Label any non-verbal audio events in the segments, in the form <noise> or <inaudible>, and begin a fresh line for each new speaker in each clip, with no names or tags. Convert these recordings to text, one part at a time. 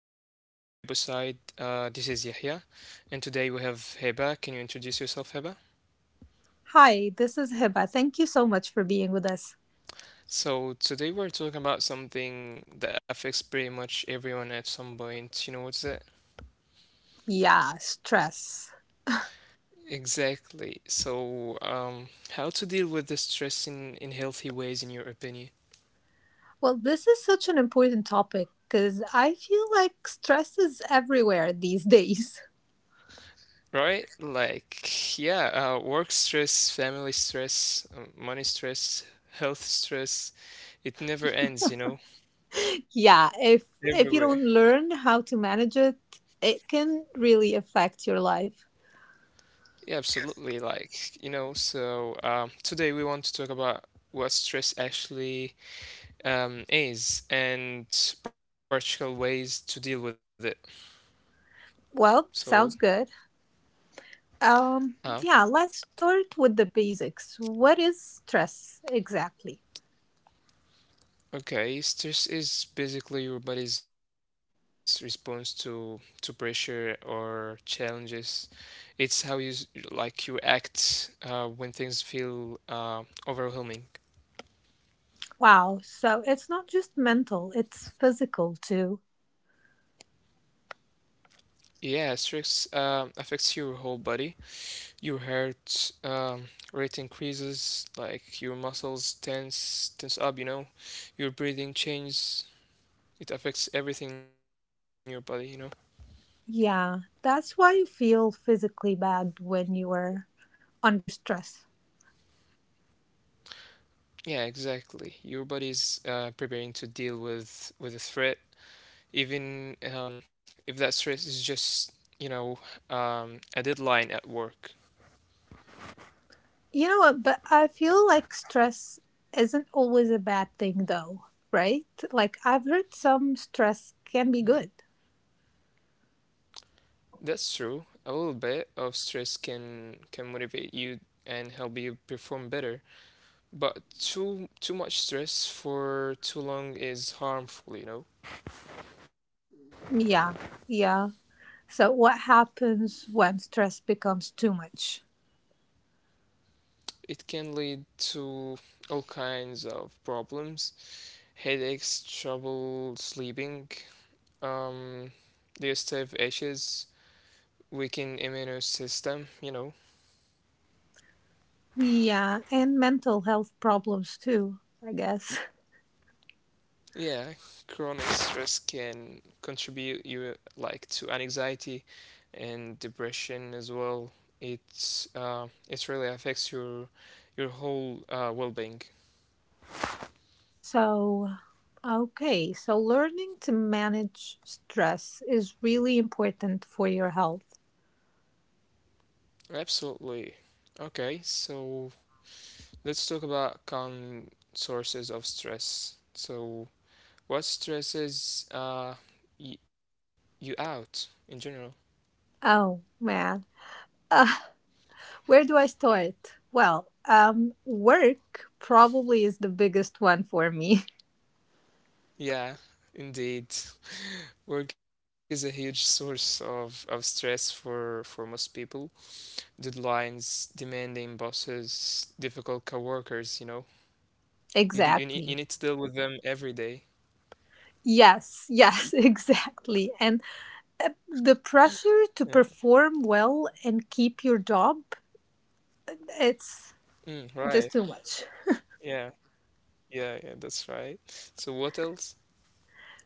to another episode. This is Yahya, and today we have Heba. Can you introduce yourself, Heba?
Hi, this is Hiba. Thank you so much for being with us.
So today we're talking about something that affects pretty much everyone at some point. You know what's that?
Yeah, stress.
Exactly. How to deal with the stress in healthy ways, in your opinion?
Well, this is such an important topic because I feel like stress is everywhere these days.
Right? Like, yeah, work stress, family stress, money stress, health stress. It never ends.
<laughs> yeah, if you
Everywhere.
don't learn how to manage it, it can really affect your life.
Yeah, absolutely. Today we want to talk about what stress actually is and practical ways to deal with it. So,
Well, sounds good.
uh,
Um, yeah, let's start with the basics. What is stress exactly?
okay, stress is basically your body's response to pressure or challenges. It's how you s- Like you act when things feel overwhelming.
Wow, so it's not just mental, it's physical too.
Yeah, stress affects your whole body. Your heart rate increases, like your muscles tense up, Your breathing changes. It affects everything in your body, you know.
Yeah, that's why you feel physically bad when you are under stress.
Yeah, exactly. Your body is preparing to deal with a threat, even if that stress is just you know a deadline at work.
You know what? But I feel like stress isn't always a bad thing, though, right? Like, I've heard some stress can be good.
That's true. A little bit of stress can motivate you and help you perform better. But too much stress for too long is harmful, you know.
Yeah, yeah. So, what happens when stress becomes too much?
It can lead to all kinds of problems: headaches, trouble sleeping, um, digestive issues, weakened immune system, you know.
Yeah, and mental health problems too, I guess. <laughs>
Yeah, chronic stress can contribute you like to anxiety and depression as well. It really affects your whole well-being.
So, okay, so learning to manage stress is really important for your health.
Absolutely. Okay, so let's talk about common sources of stress. So, what stresses y you out in general?
Oh man. Uh, where do I start? Well, work probably is the biggest one for me.
Yeah, indeed. <laughs> Work is a huge <laughs> source of stress for most people. Deadlines, demanding bosses, difficult coworkers, you know.
<laughs>
You d-
exactly.
you need to deal with them every day.
Yes, yes, <laughs> exactly. And the pressure
Yeah.
to perform well and keep your job, it's
Mm,
just too
right.
much.
Yeah. Yeah, yeah, that's right. So what else?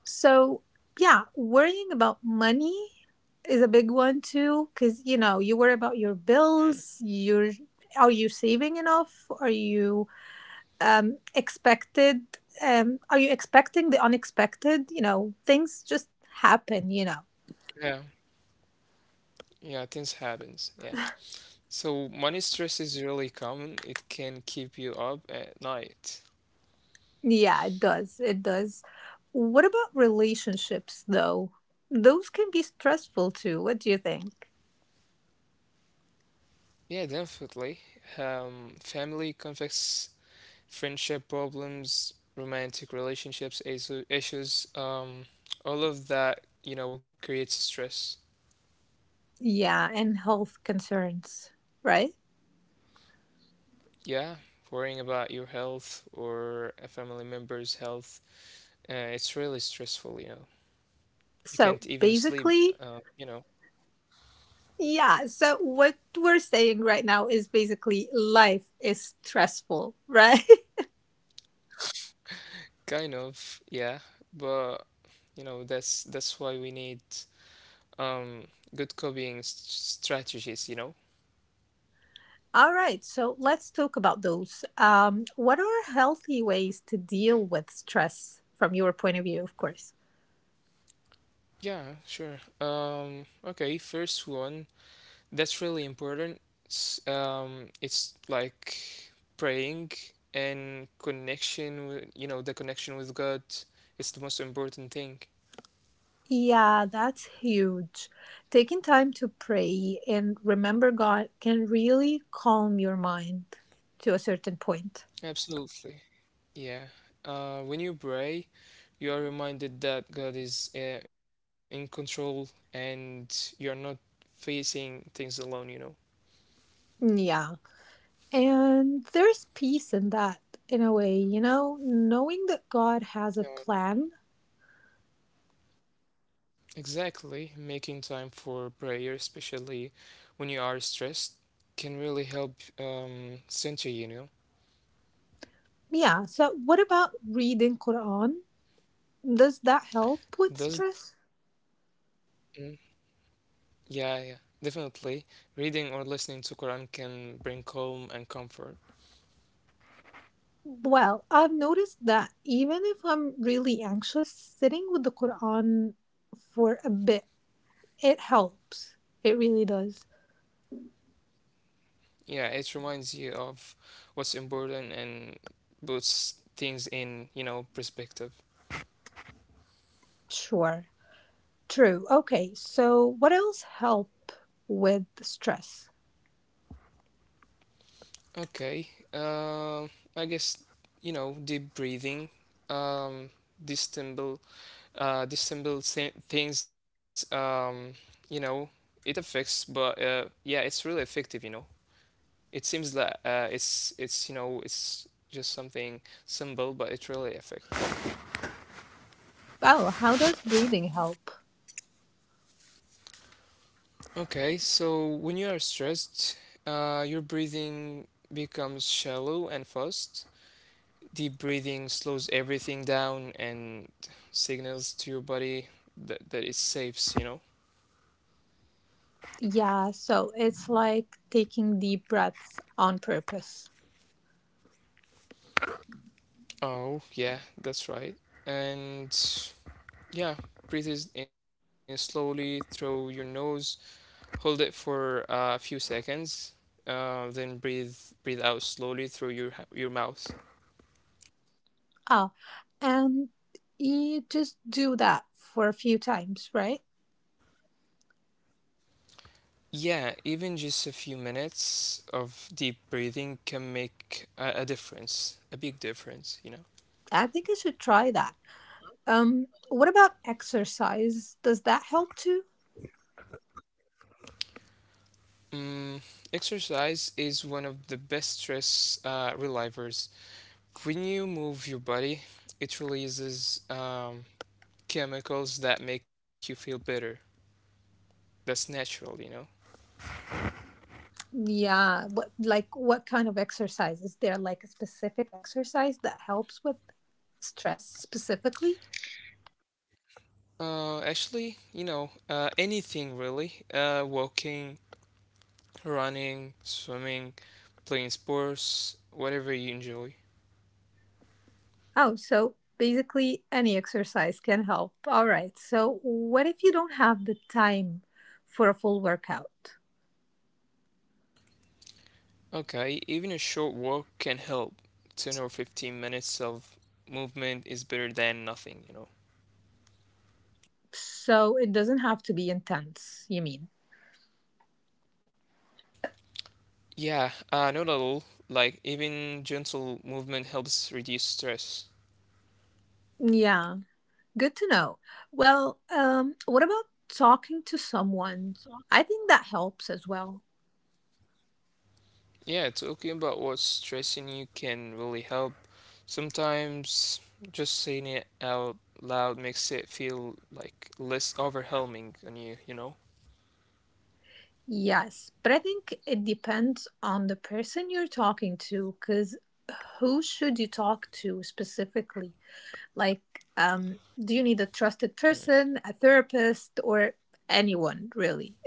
So, yeah, worrying about money is a big one too, cuz you know, you worry about your
Mm.
bills, your, are you saving enough? Are you expected? Are you expecting the unexpected? You know, things just happen, you know.
Yeah. Yeah, things happens. Yeah. So money stress is really common. It can keep you up at night.
Yeah, it does. It does. What about relationships, though? Those can be stressful too. What do you think?
Yeah, definitely. Family conflicts, friendship problems, romantic relationships, issues, all of that, you know, creates stress.
Yeah, and health concerns, right?
Yeah, worrying about your health or a family member's health, it's really stressful, you know. You
So
can't even sleep,
basically,
you know.
yeah. So what we're saying right now is basically life is stressful, <laughs> right?
Kind of, yeah, but you know that's why we need um good copying s- strategies, you know?
All right, so let's talk about those. What are healthy ways to deal with stress from your point of view, of course?
Yeah, sure. Okay, first one that's really important. It's like praying and connection with you know the connection with God is the most important thing.
Yeah, that's huge. Taking time to pray and remember God can really calm your mind to a certain point.
Absolutely. Yeah. When you pray, you are reminded that God is in control and you're not facing things alone, you know.
Yeah. And there's peace in that, in a way, you know, knowing that God has a plan.
Yeah. Exactly. Making time for prayer, especially when you are stressed, can really help center you, you know.
Yeah. So, what about reading Quran? Does that help with
Does
stress?
Mm. Yeah, yeah, definitely. Reading or listening to Quran can bring calm and comfort.
Well, I've noticed that even if I'm really anxious, sitting with the Quran for a bit, it helps. It really does.
Yeah, it reminds you of what's important and puts things in, you know, perspective.
Sure. True. Okay, so what else help with stress?
Okay. I guess, you know, deep breathing. Um, dissemble, dissemble things. You know, it affects, but yeah, it's really effective. You know, it seems like it's you know it's just something simple, but it really affects.
Oh, how does breathing help?
Okay, so when you are stressed, your breathing becomes shallow and fast. Deep breathing slows everything down and signals to your body that it's safe, you know?
Yeah, so it's like taking deep breaths on purpose.
Oh, yeah, that's right. And yeah, breathe in slowly through your nose, hold it for a few seconds, then breathe out slowly through your mouth.
Ah, and you just do that for a few times, right?
Yeah, even just a few minutes of deep breathing can make a difference, a big difference, you know.
I think I should try that. What about exercise? Does that help too?
Mm, exercise is one of the best stress relievers. When you move your body, it releases chemicals that make you feel better. That's natural, you know.
Yeah. What like what kind of exercise? Is there like a specific exercise that helps with stress specifically?
Actually, you know, anything really: walking, running, swimming, playing sports, whatever you enjoy.
Oh, so basically any exercise can help. All right. So what if you don't have the time for a full workout?
Okay, even a short walk can help. 10 or 15 minutes of movement is better than nothing, you know.
So it doesn't have to be intense, you mean?
Yeah, not at all. Like, even gentle movement helps reduce stress.
Yeah, good to know. Well, what about talking to someone? I think that helps as well.
Yeah, talking about what's stressing you can really help. Sometimes just saying it out loud makes it feel like less overwhelming on you, you know?
Yes, but I think it depends on the person you're talking to, because who should you talk to specifically? Like, do you need a trusted person, a therapist, or anyone really? <laughs>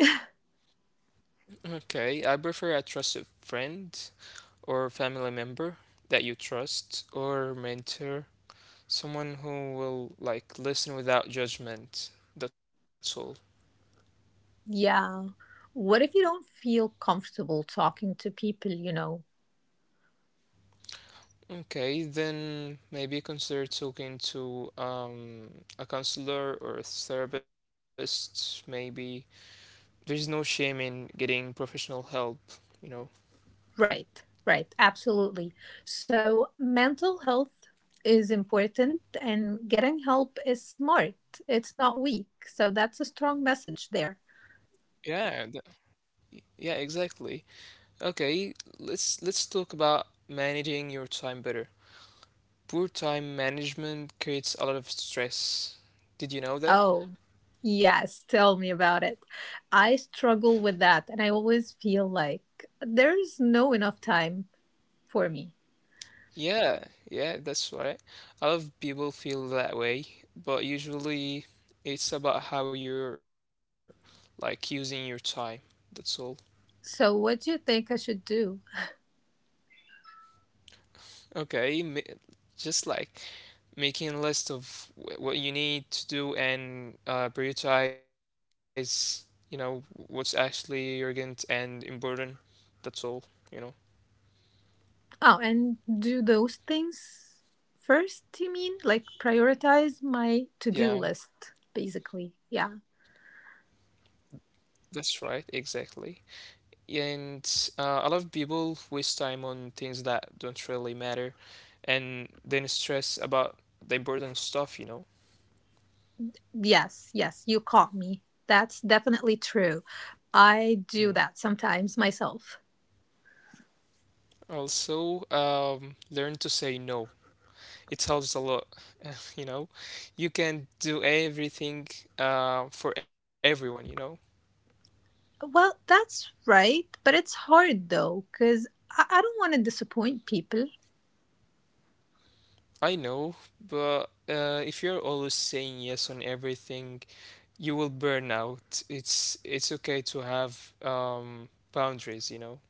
Okay, I prefer a trusted friend or family member that you trust, or mentor, someone who will like listen without judgment. That's all.
yeah. What if you don't feel comfortable talking to people you know?
Okay, then maybe consider talking to a counselor or a therapist. Maybe there's no shame in getting professional help. You know.
Right, right, absolutely. So, mental health is important, and getting help is smart, it's not weak. So, that's a strong message there.
Yeah. th- yeah. Exactly. Okay. Let's talk about managing your time better. Poor time management creates a lot of stress. Did you know that?
Oh, yes, tell me about it. I struggle with that, and I always feel like there's no enough time for me.
Yeah, yeah, that's right. A lot of people feel that way, but usually it's about how you're like using your time. That's all.
So, what do you think I should do?
Okay, just like making a list of what you need to do and prioritize, you know, what's actually urgent and important. That's all, you know.
Oh, and do those things first, you mean? Like prioritize my to do
Yeah,
list, basically. Yeah.
that's right, exactly. And a lot of people waste time on things that don't really matter and then stress about the important stuff, you know.
Yes, yes, you caught me. That's definitely true. I do
Mm.
that sometimes myself.
Also, learn to say no. It helps a lot, <laughs> you know. You can do everything for everyone, you know.
Well, that's right, but it's hard though, because I don't want to disappoint people.
I know, but if you're always saying yes on everything, you will burn out. It's okay to have boundaries, you know.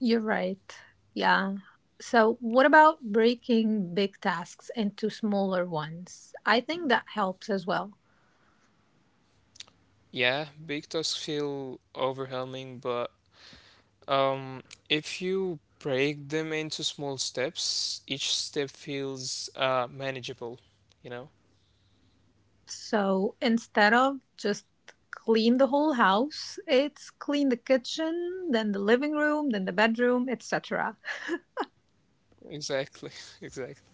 You're right. Yeah. So, what about breaking big tasks into smaller ones? I think that helps as well.
Yeah, big tasks feel overwhelming, but um, if you break them into small steps, each step feels manageable, you know?
So, instead of just clean the whole house, it's clean the kitchen, then the living room, then the bedroom, etc.
Exactly, <laughs> exactly.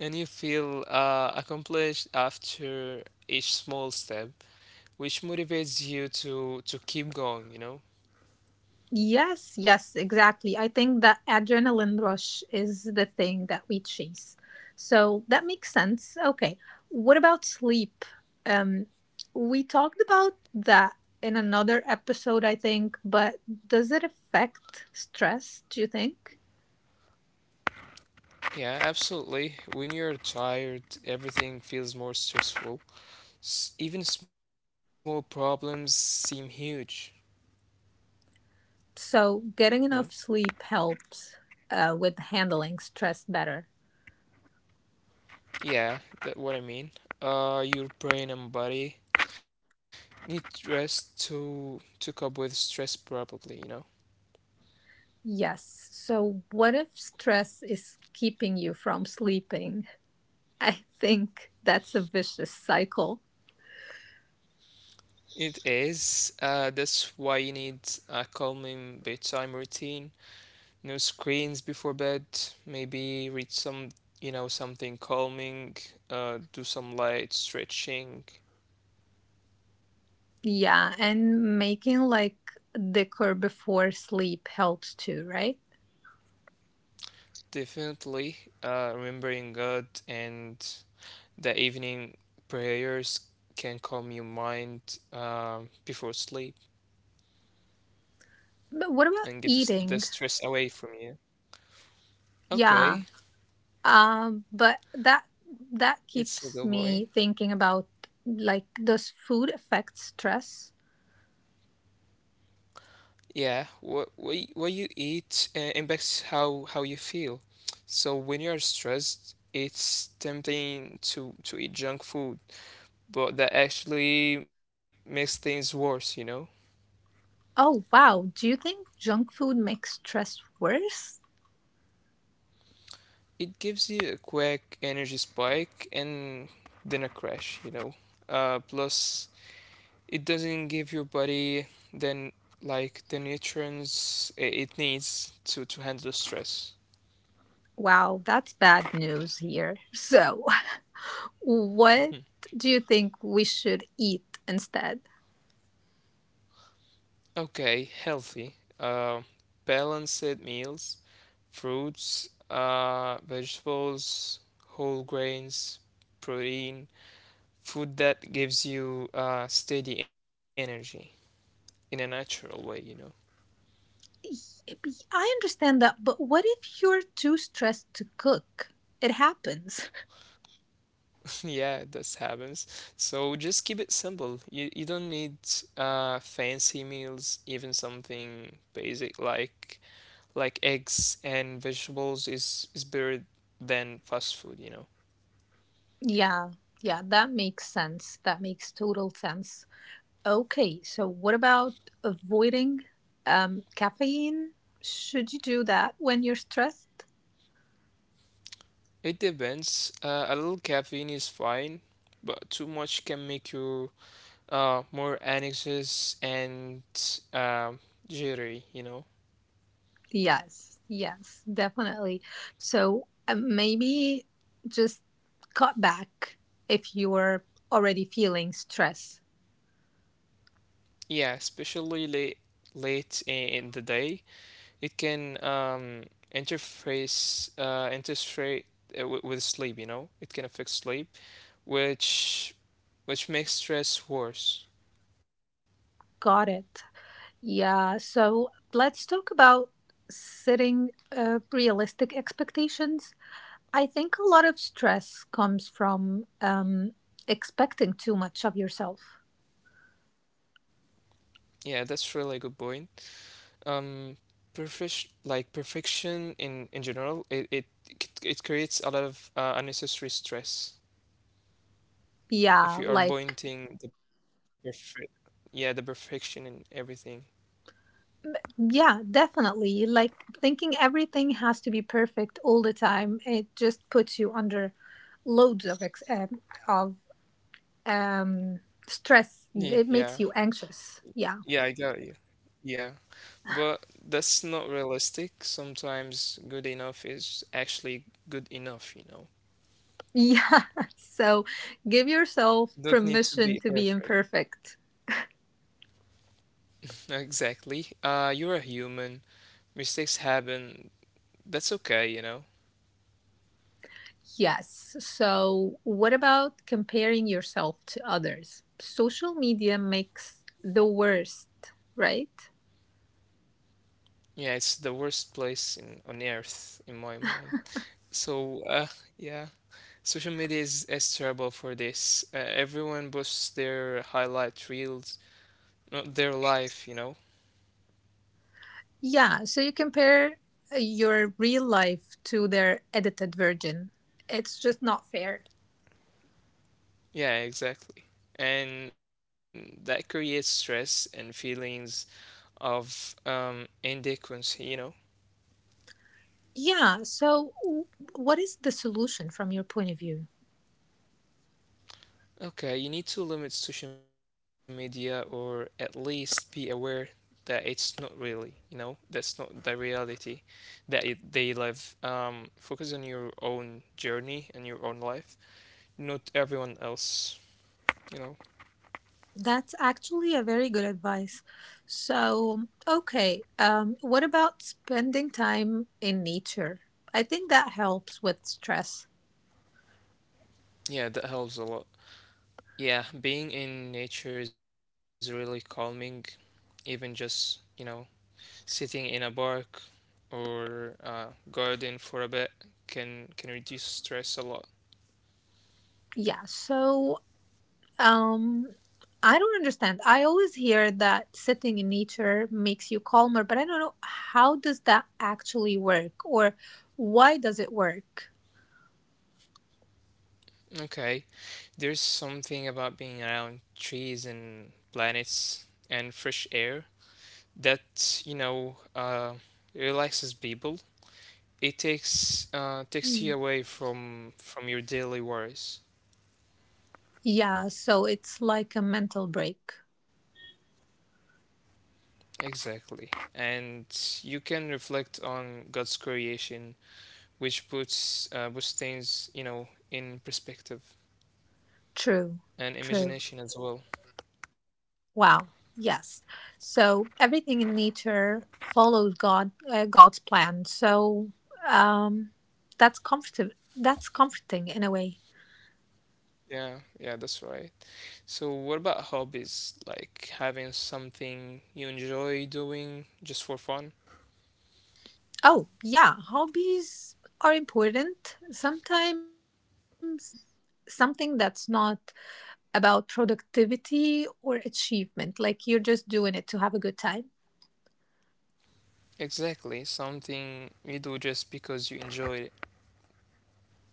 And you feel accomplished after each small step, which motivates you to keep going, you know?
Yes, yes, exactly. I think the adrenaline rush is the thing that we chase. So that makes sense. Okay. What about sleep? Um, we talked about that in another episode, I think, but does it affect stress, do you think?
Yeah, absolutely. When you're tired, everything feels more stressful. S even small problems seem huge,
So
you know?
getting enough sleep helps with handling stress better.
Yeah, that what I mean. Your brain and body need rest to cope with stress, probably. You know,
Yes. So what if stress is keeping you from sleeping? I think that's a vicious cycle.
it is. That's why you need a calming bedtime routine. No screens before bed. Maybe read some, you know, something calming. Do some light stretching.
Yeah, and making like liquor before sleep helps too, right?
Definitely, remembering God and the evening prayers can calm your mind before sleep
But what about
and get the
eating?
stress away from you.
Yeah.
Okay,
But that
it's a
keeps
good point.
me thinking about, like, does food affect stress?
Yeah, what you eat impacts how you feel. So when you are stressed, it's tempting to eat junk food, but that actually makes things worse, you know?
Oh wow, do you think junk food makes stress worse?
It gives you a quick energy spike and then a crash, you know. Plus it doesn't give your body then like the nutrients it needs to handle stress.
Wow, that's bad news here. So, <laughs> what do you think we should eat instead?
Okay, healthy, uh, balanced meals, fruits, vegetables, whole grains, protein, food that gives you steady energy in a natural way, you know.
I understand that, but what if you're too stressed to cook? It happens.
<laughs> Yeah, this happens. So just keep it simple. You don't need fancy meals, even something basic like eggs and vegetables is better than fast food, you know.
Yeah, yeah, that makes sense. That makes total sense. Okay, so what about avoiding caffeine? Should you do that when you're stressed?
It depends. A little caffeine is fine, but too much can make you more anxious and um jittery, you know.
Yes, yes, definitely. So maybe just cut back if you're already feeling stress.
Yeah, especially late in the day, it can interface interfere with sleep, you know. It can affect sleep, which which makes stress worse.
Got it. Yeah, so let's talk about setting realistic expectations. I think a lot of stress comes from expecting too much of yourself.
Yeah, that's really a good point. um Perfection in general it creates a lot of unnecessary stress
Yeah, like,
if you are pointing the perfect, yeah, the perfection in everything.
yeah, definitely. Like, thinking everything has to be perfect all the time, it just puts you under loads of, of um, stress. It
Ye-
makes
yeah
you anxious. Yeah.
yeah, I got you, yeah, but that's not realistic. Sometimes good enough is actually good enough, you know.
Yeah. <laughs> So give yourself
Don't need to
permission
be
to be
perfect,
imperfect.
exactly. You're a human, mistakes happen, that's okay, you know.
Yes. So, what about comparing yourself to others? Social media makes the worst, right?
Yeah, it's the worst place in, on earth in my mind. So, yeah, social media is terrible for this. Everyone posts their highlight reels, not their life, you know?
Yeah. So, you compare your real life to their edited version. It's just not fair.
Yeah, exactly. And that creates stress and feelings of inadequacy, you know?
Yeah. So, what is the solution from your point of view?
Okay, you need to limit social media or at least be aware that it's not really, you know, that's not the reality that it, they live. Focus on your own journey and your own life, not everyone else, you know.
That's actually a very good advice. So, okay, what about spending time in nature? I think that helps with stress.
Yeah, that helps a lot. Yeah, being in nature is really calming, even just, you know, sitting in a park or garden for a bit can reduce stress a lot.
Yeah, so um, I don't understand. I always hear that sitting in nature makes you calmer, but I don't know how does that actually work or why does it work?
Okay. There's something about being around trees and planets and fresh air that, you know, relaxes people. It takes
Mm.
you away from your daily worries.
Yeah, so it's like a mental break.
Exactly. And you can reflect on God's creation, which puts things, you know, in perspective
True,
and
true.
imagination as well.
Wow. Yes. So everything in nature follows God, God's plan. So um, that's comfortable. That's comforting in a way.
Yeah, yeah, that's right. So, what about hobbies? Like having something you enjoy doing just for fun?
Oh yeah, hobbies are important. Sometimes something that's not about productivity or achievement, like you're just doing it to have a good time.
Exactly, something you do just because you enjoy it,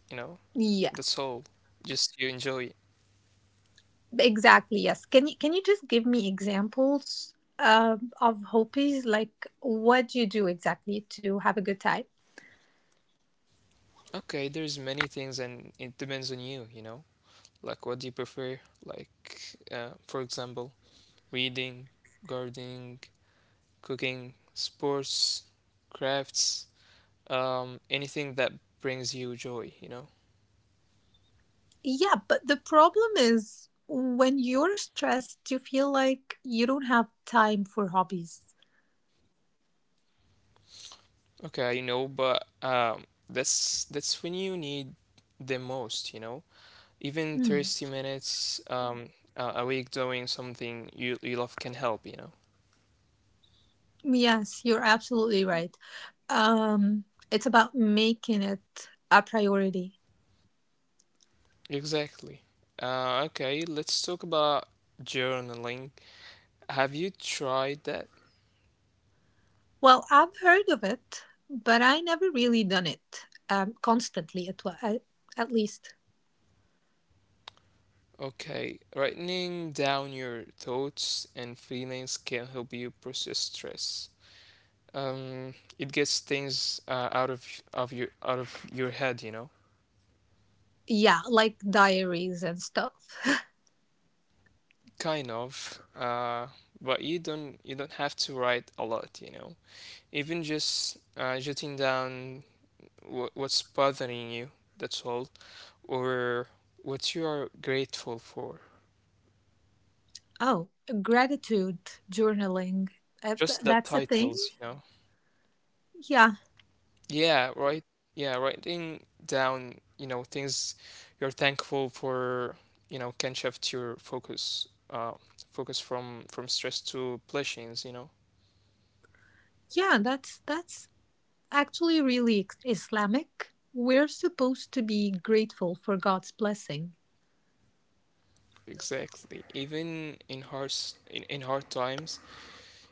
you know?
Yeah.
That's all. Just you enjoy it.
Exactly, yes. Can you just give me examples of Hopis? Like, what do you do exactly to have a good time?
Okay, there's many things and it depends on you, you know? Like what do you prefer? Like for example, reading, gardening, cooking, sports, crafts, anything that brings you joy, you know?
Yeah, but the problem is when you're stressed, you feel like you don't have time for hobbies.
Okay, you know, but that's when you need the most, you know. Even
Mm.
30 minutes a week doing something you love can help, you know.
Yes, you're absolutely right. Um, it's about making it a priority.
Exactly. Okay, let's talk about journaling. Have you tried that?
Well, I've heard of it, but I never really done it constantly, at, wa- at least.
Okay, writing down your thoughts and feelings can help you process stress. It gets things out of your out of your head, you know.
Yeah, like diaries and stuff.
Kind of, but you don't have to write a lot, you know. Even just jotting down what's bothering you, that's all, or what you are grateful for.
Oh, gratitude journaling.
Just the
Uh,
titles,
that's a
you know.
thing. Yeah,
Yeah, right. Yeah, writing down, you know, things you're thankful for, you know, can shift your focus, uh, focus from stress to blessings, you know.
yeah. That's actually really Islamic. We're supposed to be grateful for God's blessing.
Exactly. Even in hard times,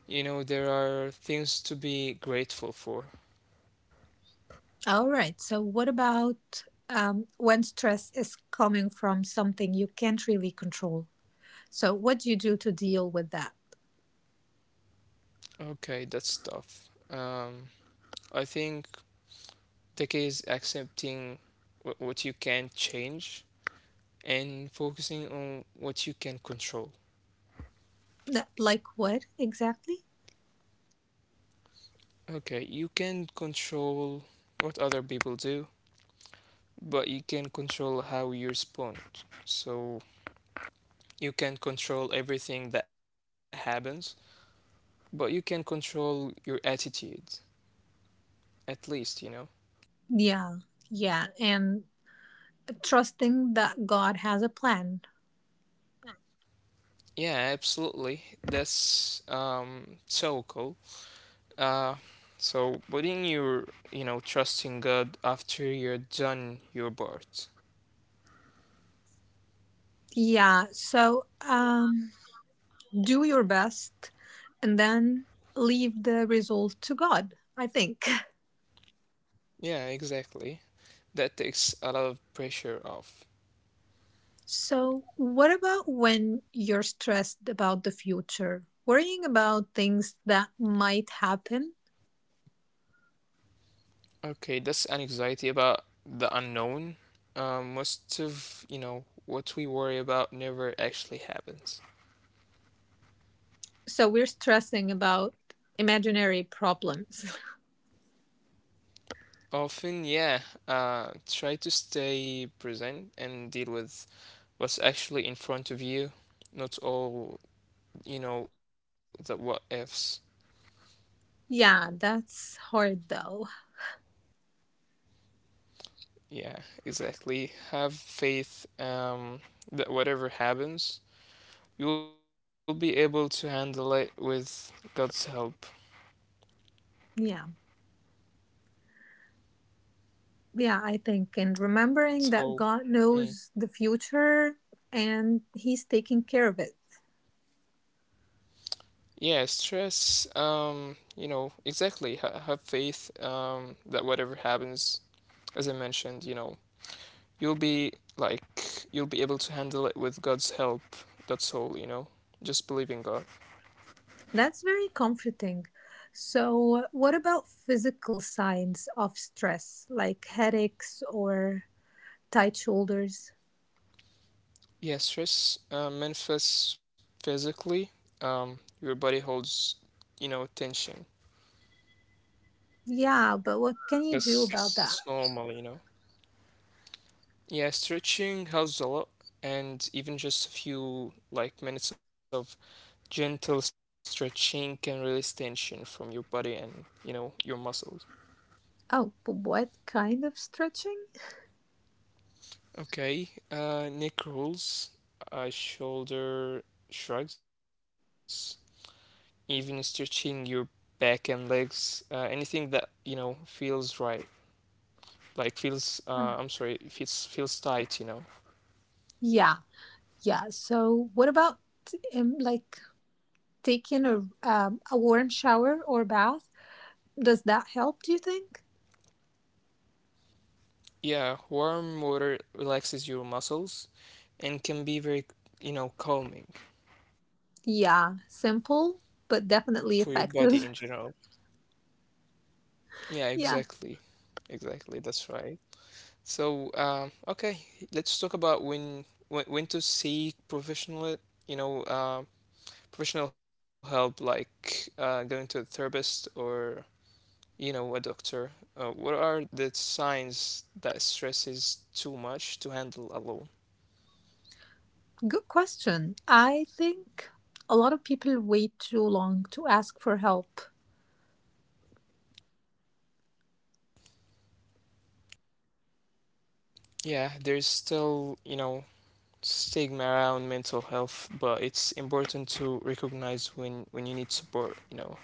you know, there are things to be grateful for.
All right. So, what about when stress is coming from something you can't really control? So, what do you do to deal with that?
Okay, that's tough. I think the key is accepting what you can change and focusing on what you can control.
Like what exactly?
Okay, you can control what other people do, but you can control how you respond. So you can control everything that happens, but you can control your attitude. At least, you know.
Yeah, yeah, and trusting that God has a plan.
Yeah, absolutely. That's so cool. Uh so putting your you know, trusting God after you're done your part.
Yeah, so do your best and then leave the result to God, I think. <laughs>
Yeah, exactly. That takes a lot of pressure off.
So, what about when you're stressed about the future, worrying about things that might happen?
Okay, that's an anxiety about the unknown. Most of, you know, what we worry about never actually happens.
So, we're stressing about imaginary problems.
Often, yeah, try to stay present and deal with what's actually in front of you, not all, you know, the what ifs.
<laughs> yeah, that's hard though.
Yeah, exactly. Have faith that whatever happens, you will be able to handle it with God's help.
Yeah, yeah, I think. And remembering that
So,
God
mm,
knows the future and He's taking care of it.
yeah, stress, you know, exactly. Ha have faith that whatever happens, as I mentioned, you know, you'll be like you'll be able to handle it with God's help. That's all, you know. Just believe in God.
That's very comforting. So, what about physical signs of stress, like headaches or tight shoulders?
Yeah, stress manifests physically. Your body holds, you know, tension.
Yeah, but what can you do
That's
about that?
that's normal, you know. Yeah, stretching helps a lot, and even just a few like minutes of gentle stretching can release tension from your body and you know your muscles.
Oh, but what kind of stretching?
Okay, neck rolls, shoulder shrugs, even stretching your back and legs, anything that, you know, feels right. Like feels, I'm
Yeah,
sorry, feels tight, you know.
yeah, yeah. So, what about like taking a warm shower or bath? Does that help? Do you think?
Yeah, warm water relaxes your muscles and can be very, you know, calming
Yeah, simple but
for your
definitely
body in
effective.
general. Yeah,
<laughs> Yeah.
exactly. Exactly, that's right. So, okay, let's talk about when to seek professional, you know, professional help, like going to a therapist or you know, a doctor, what are the signs that stress is too much to handle alone?
Good question. I think a lot of people wait too long to ask for help.
Yeah, there's still, you know, stigma around mental health, but it's important to recognize when you need support, you know.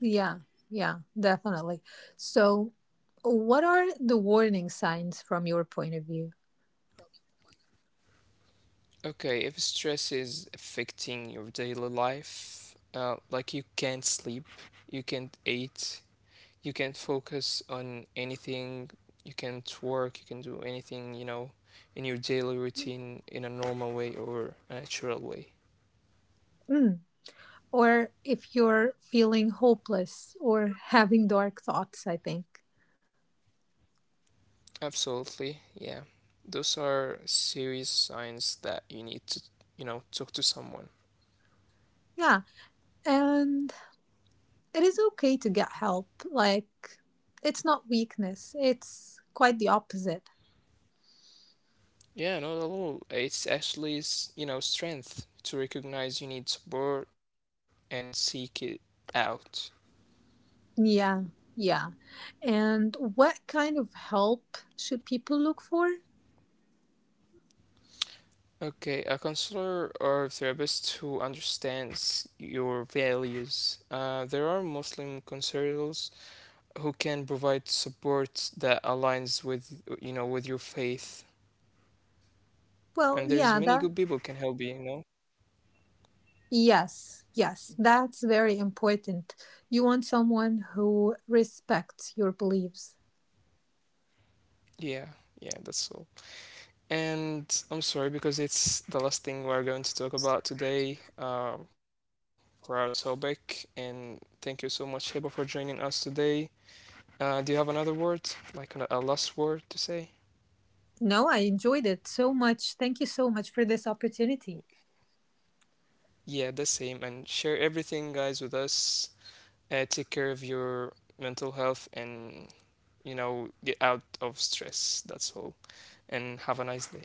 Yeah, yeah, definitely. So, what are the warning signs from your point of view?
Okay, if stress is affecting your daily life, like you can't sleep, you can't eat, you can focus on anything you can work you can do anything you know in your daily routine in a normal way or a natural way.
Mm. Or if you're feeling hopeless or <laughs> having dark thoughts, I think.
Absolutely, yeah, those are serious signs that you need to, you know, talk to someone.
Yeah, and it is okay to get help. Like, it's not weakness, it's quite the opposite.
Yeah, not at all, it's actually you know strength to recognize you need support and seek it out.
Yeah, yeah. And what kind of help should people look for?
Okay, a counselor or therapist who understands your values. There are Muslim counselors who can provide support that aligns with you know with your faith,
Well,
and there's
yeah,
many
that,
good people can help you. You know,
yes, yes, that's very important. You want someone who respects your beliefs.
yeah, yeah, that's all. And I'm sorry because it's the last thing we're going to talk about today for our topic. And thank you so much, Hiba, for joining us today. Do you have another word, like a last word to say?
No, I enjoyed it so much. Thank you so much for this opportunity.
Yeah, the same. And share everything, guys, with us. Take care of your mental health and, you know, get out of stress. That's all. And have a nice day.